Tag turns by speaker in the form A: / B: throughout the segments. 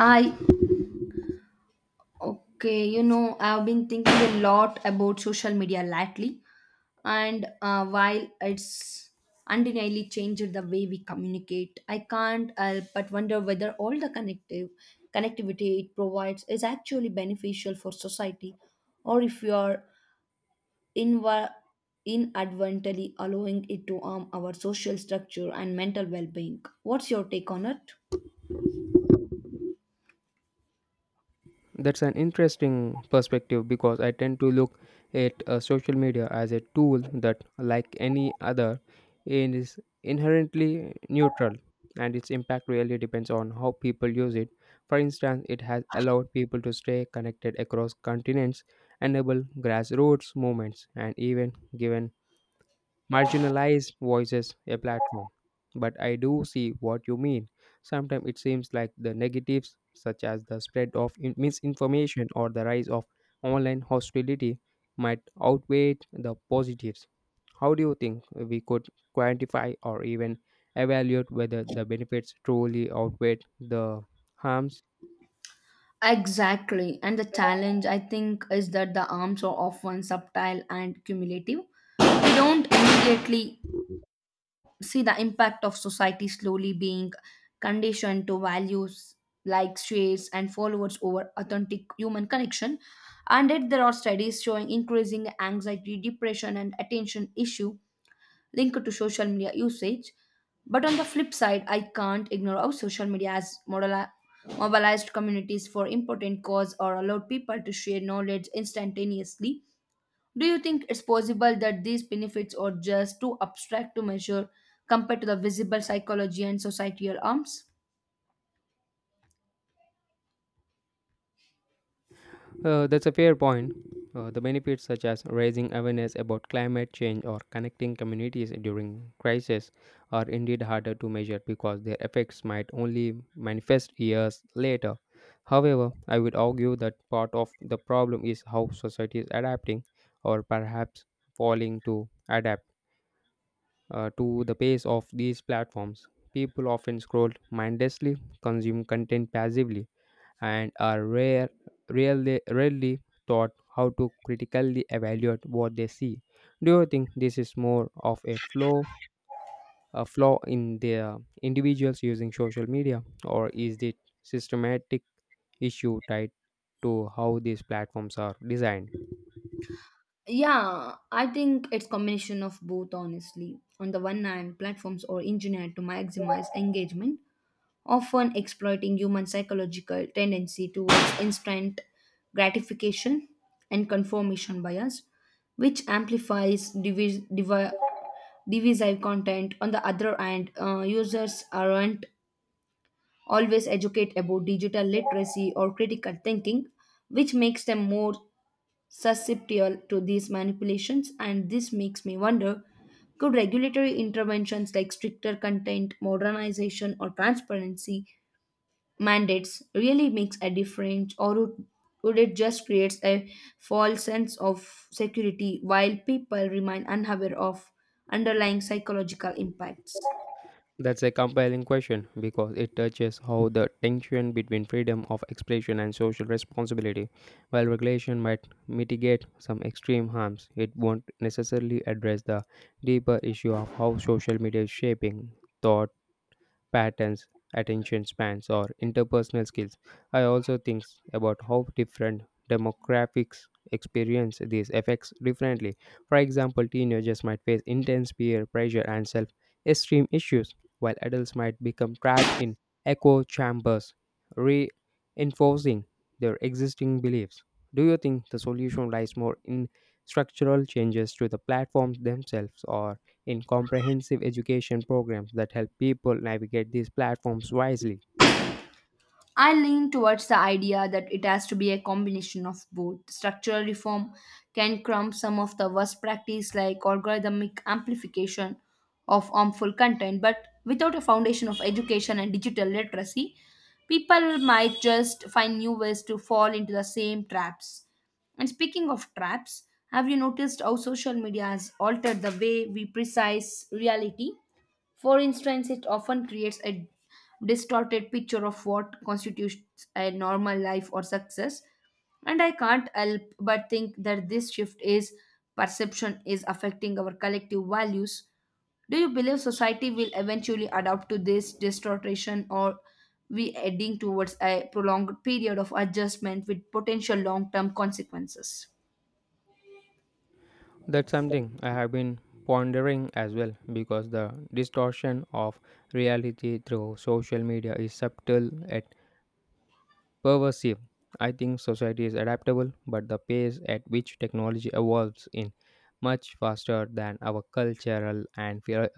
A: I okay, you know, I've been thinking a lot about social media lately, and while it's undeniably changed the way we communicate, I can't help but wonder whether all the connective connectivity it provides is actually beneficial for society, or if we are inv- inadvertently allowing it to harm our social structure and mental well-being. What's your take on it?
B: That's an interesting perspective because I tend to look at social media as a tool that, like any other, it is inherently neutral, and its impact really depends on how people use it. For instance, it has allowed people to stay connected across continents, enable grassroots movements, and even given marginalized voices a platform. But I do see what you mean. Sometimes it seems like the negatives, such as the spread of misinformation or the rise of online hostility, might outweigh the positives. How do you think we could quantify or even evaluate whether the benefits truly outweigh the harms?
A: Exactly. And the challenge, I think, is that the arms are often subtle and cumulative. We don't immediately see the impact of society slowly being conditioned to values like shares and followers over authentic human connection. And yet, there are studies showing increasing anxiety, depression, and attention issue linked to social media usage. But on the flip side, I can't ignore how social media has mobilized communities for important cause or allowed people to share knowledge instantaneously. Do you think it's possible that these benefits are just too abstract to measure compared to the visible psychology and societal harms?
B: That's a fair point. The benefits, such as raising awareness about climate change or connecting communities during crisis, are indeed harder to measure because their effects might only manifest years later. However, I would argue that part of the problem is how society is adapting, or perhaps falling to adapt to the pace of these platforms. People often scroll mindlessly, consume content passively, and are rarely taught how to critically evaluate what they see. Do you think this is more of a flaw in the individuals using social media, or is it systematic issue tied to how these platforms are designed?
A: Yeah, I think it's combination of both, honestly. On the one hand, platforms are engineered to maximize engagement, often exploiting human psychological tendency towards instant gratification and confirmation bias, which amplifies divisive content. On the other hand, users aren't always educated about digital literacy or critical thinking, which makes them more susceptible to these manipulations. And this makes me wonder, could regulatory interventions like stricter content modernization or transparency mandates really makes a difference, or would it just creates a false sense of security while people remain unaware of underlying psychological impacts?
B: That's a compelling question because it touches how the tension between freedom of expression and social responsibility, while regulation might mitigate some extreme harms, it won't necessarily address the deeper issue of how social media is shaping thought patterns, attention spans, or interpersonal skills. I also think about how different demographics experience these effects differently. For example, teenagers might face intense peer pressure and self esteem issues, while adults might become trapped in echo chambers, reinforcing their existing beliefs. Do you think the solution lies more in structural changes to the platforms themselves, or in comprehensive education programs that help people navigate these platforms wisely?
A: I lean towards the idea that it has to be a combination of both. Structural reform can crumb some of the worst practice like algorithmic amplification of harmful content, but without a foundation of education and digital literacy, people might just find new ways to fall into the same traps. And speaking of traps, have you noticed how social media has altered the way we precise reality? For instance, it often creates a distorted picture of what constitutes a normal life or success. And I can't help but think that this shift is perception is affecting our collective values. Do you believe society will eventually adapt to this distortion, or we heading towards a prolonged period of adjustment with potential long-term consequences?
B: That's something I have been pondering as well, because the distortion of reality through social media is subtle at pervasive. I think society is adaptable, but the pace at which technology evolves in much faster than our cultural and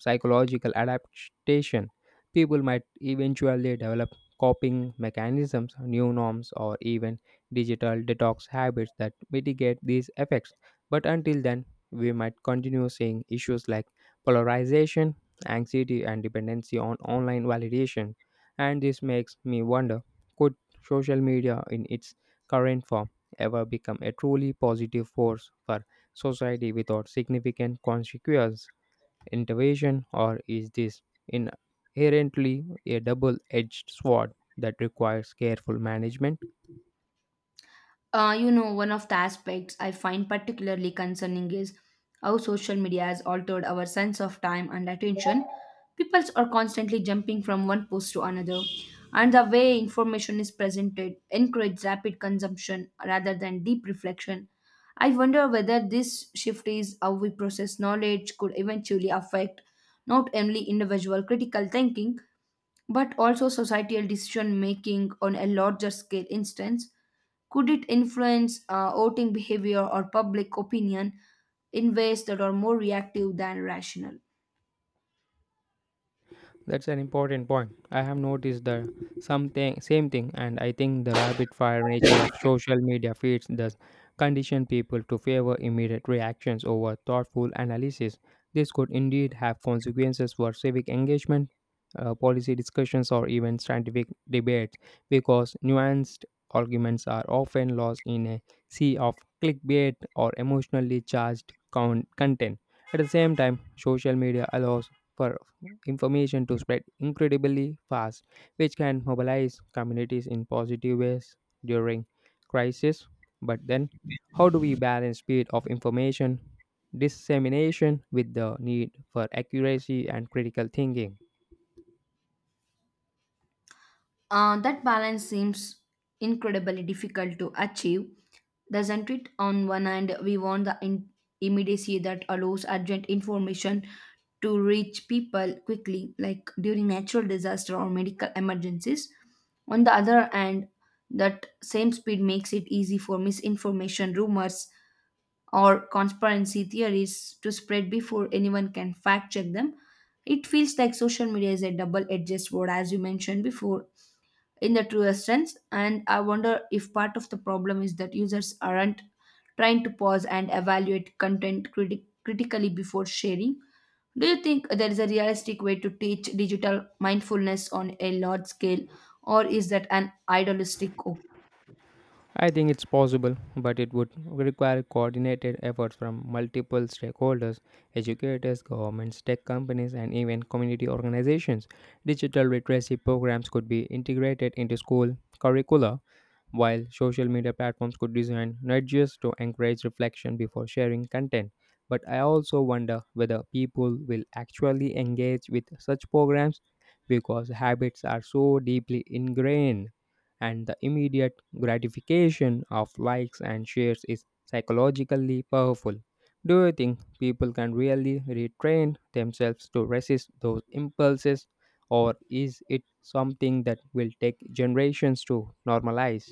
B: psychological adaptation. People might eventually develop coping mechanisms, new norms, or even digital detox habits that mitigate these effects. But until then, we might continue seeing issues like polarization, anxiety, and dependency on online validation. And this makes me wonder, could social media in its current form ever become a truly positive force for society without significant consequence intervention, or is this inherently a double-edged sword that requires careful management?
A: One of the aspects I find particularly concerning is how social media has altered our sense of time and attention. People are constantly jumping from one post to another, and the way information is presented encourages rapid consumption rather than deep reflection. I wonder whether this shift is how we process knowledge could eventually affect not only individual critical thinking but also societal decision making on a larger scale instance, could it influence voting behavior or public opinion in ways that are more reactive than rational?
B: That's an important point. I have noticed the something same thing, and I think the rapid fire nature of social media feeds does condition people to favor immediate reactions over thoughtful analysis. This could indeed have consequences for civic engagement, policy discussions, or even scientific debates, because nuanced arguments are often lost in a sea of clickbait or emotionally charged content. At the same time, social media allows for information to spread incredibly fast, which can mobilize communities in positive ways during crisis. But then, how do we balance speed of information dissemination with the need for accuracy and critical thinking?
A: That balance seems incredibly difficult to achieve, doesn't it? On one hand, we want the immediacy that allows urgent information to reach people quickly, like during natural disaster or medical emergencies. On the other hand, that same speed makes it easy for misinformation, rumors, or conspiracy theories to spread before anyone can fact check them. It feels like social media is a double edged sword, as you mentioned before, in the truest sense. And I wonder if part of the problem is that users aren't trying to pause and evaluate content critically before sharing. Do you think there is a realistic way to teach digital mindfulness on a large scale, or is that an idealistic
B: I think it's possible, but it would require coordinated efforts from multiple stakeholders, educators, governments, tech companies, and even community organizations. Digital literacy programs could be integrated into school curricula, while social media platforms could design nudges to encourage reflection before sharing content, but I also wonder whether people will actually engage with such programs, because habits are so deeply ingrained and the immediate gratification of likes and shares is psychologically powerful. Do you think people can really retrain themselves to resist those impulses, or is it something that will take generations to normalize?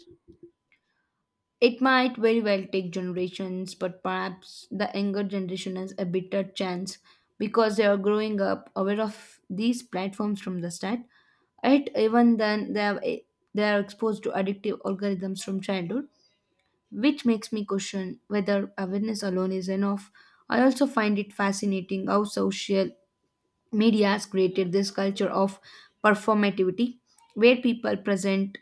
A: It might very well take generations, but perhaps the younger generation has a better chance because they are growing up aware of these platforms from the start. Yet, even then, they are exposed to addictive algorithms from childhood, which makes me question whether awareness alone is enough. I also find it fascinating how social media has created this culture of performativity, where people present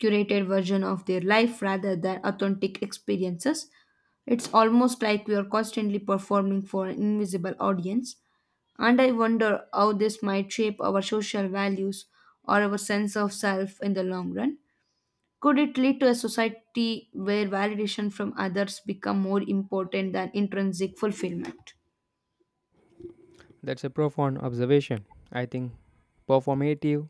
A: curated version of their life rather than authentic experiences. It's almost like we are constantly performing for an invisible audience, and I wonder how this might shape our social values or our sense of self in the long run. Could it lead to a society where validation from others become more important than intrinsic fulfillment?
B: That's a profound observation. I think performative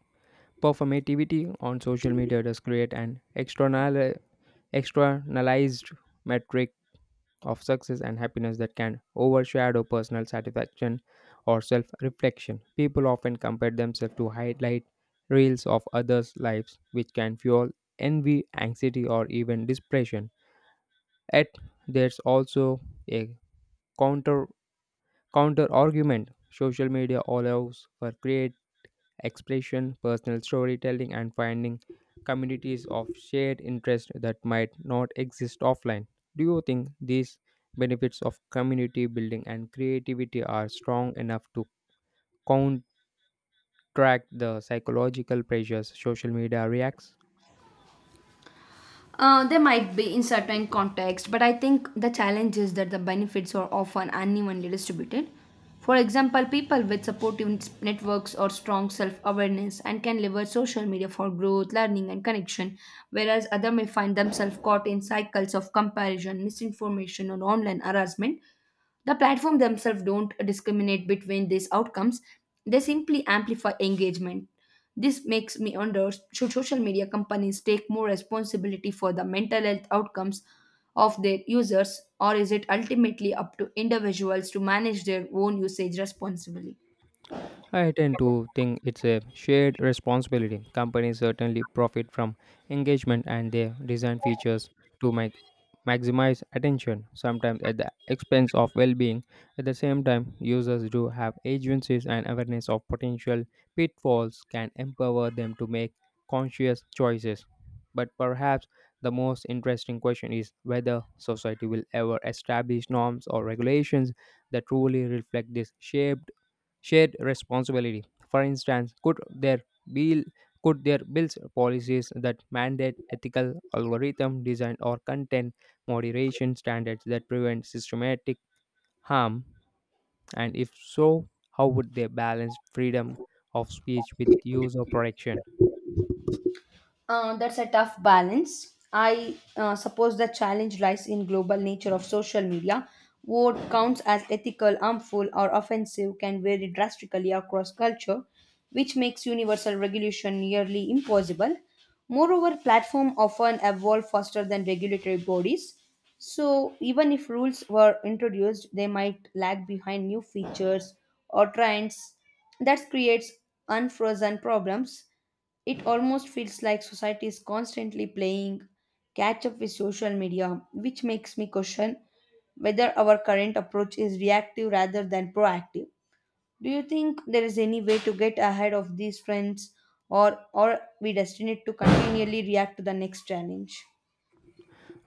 B: performativity on social media does create an external externalized metric of success and happiness that can overshadow personal satisfaction or self-reflection. People often compare themselves to highlight reels of others' lives, which can fuel envy, anxiety, or even depression. Yet there's also a counter counter argument. Social media allows for create expression, personal storytelling, and finding communities of shared interest that might not exist offline. Do you think these benefits of community building and creativity are strong enough to counteract the psychological pressures social media reacts?
A: They might be in certain context, but I think the challenge is that the benefits are often unevenly distributed. For example, people with supportive networks or strong self awareness and can leverage social media for growth, learning, and connection, whereas others may find themselves caught in cycles of comparison, misinformation, or online harassment. The platform themselves don't discriminate between these outcomes, they simply amplify engagement. This makes me wonder, should social media companies take more responsibility for the mental health outcomes of their users, or is it ultimately up to individuals to manage their own usage responsibly?
B: I tend to think it's a shared responsibility. Companies certainly profit from engagement, and they design features to make maximize attention, sometimes at the expense of well being. At the same time, users do have agencies, and awareness of potential pitfalls can empower them to make conscious choices. But perhaps the most interesting question is whether society will ever establish norms or regulations that truly reflect this shaped shared responsibility. For instance, be could there bills policies that mandate ethical algorithm design or content moderation standards that prevent systematic harm? And if so, how would they balance freedom of speech with user protection?
A: That's a tough balance. I suppose the challenge lies in global nature of social media. What counts as ethical, harmful, or offensive can vary drastically across culture, which makes universal regulation nearly impossible. Moreover, platforms often evolve faster than regulatory bodies, so even if rules were introduced, they might lag behind new features or trends. That creates unfrozen problems. It almost feels like society is constantly playing catch up with social media, which makes me question whether our current approach is reactive rather than proactive. Do you think there is any way to get ahead of these trends, or we destined to continually react to the next challenge?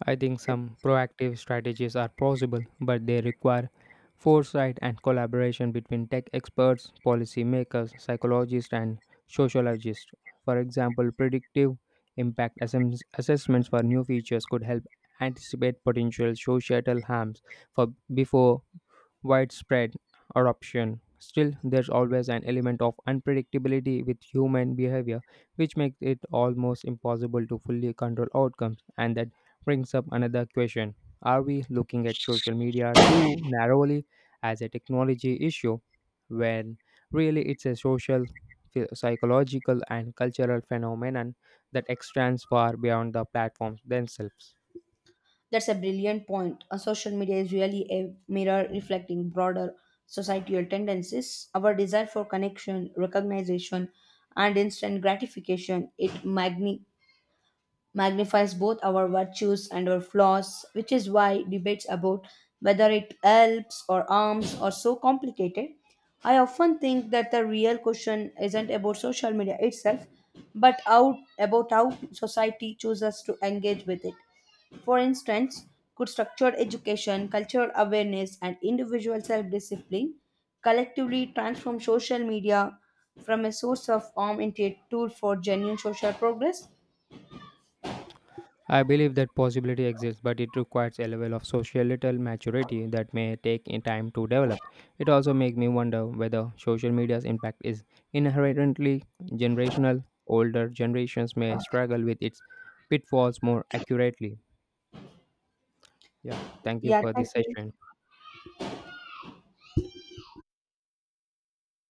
B: I think some proactive strategies are possible, but they require foresight and collaboration between tech experts, policymakers, psychologists, and sociologists. For example, predictive assessments for new features could help anticipate potential societal harms for before widespread adoption. Still, there's always an element of unpredictability with human behavior, which makes it almost impossible to fully control outcomes. And that brings up another question. Are we looking at social media too narrowly as a technology issue when really it's a social, psychological, and cultural phenomenon that extends far beyond the platforms themselves?
A: That's a brilliant point. Social media is really a mirror reflecting broader societal tendencies. Our desire for connection, recognition, and instant gratification it magnifies both our virtues and our flaws, which is why debates about whether it helps or harms are so complicated. I often think that the real question isn't about social media itself, but out about how society chooses to engage with it. For instance, could structured education, cultural awareness, and individual self discipline collectively transform social media from a source of harm into a tool for genuine social progress?
B: I believe that possibility exists, but it requires a level of societal maturity that may take in time to develop. It also makes me wonder whether social media's impact is inherently generational. Older generations may struggle with its pitfalls more accurately. Yeah, thank you
A: Yeah,
B: for
A: thank
B: this
A: you.
B: session.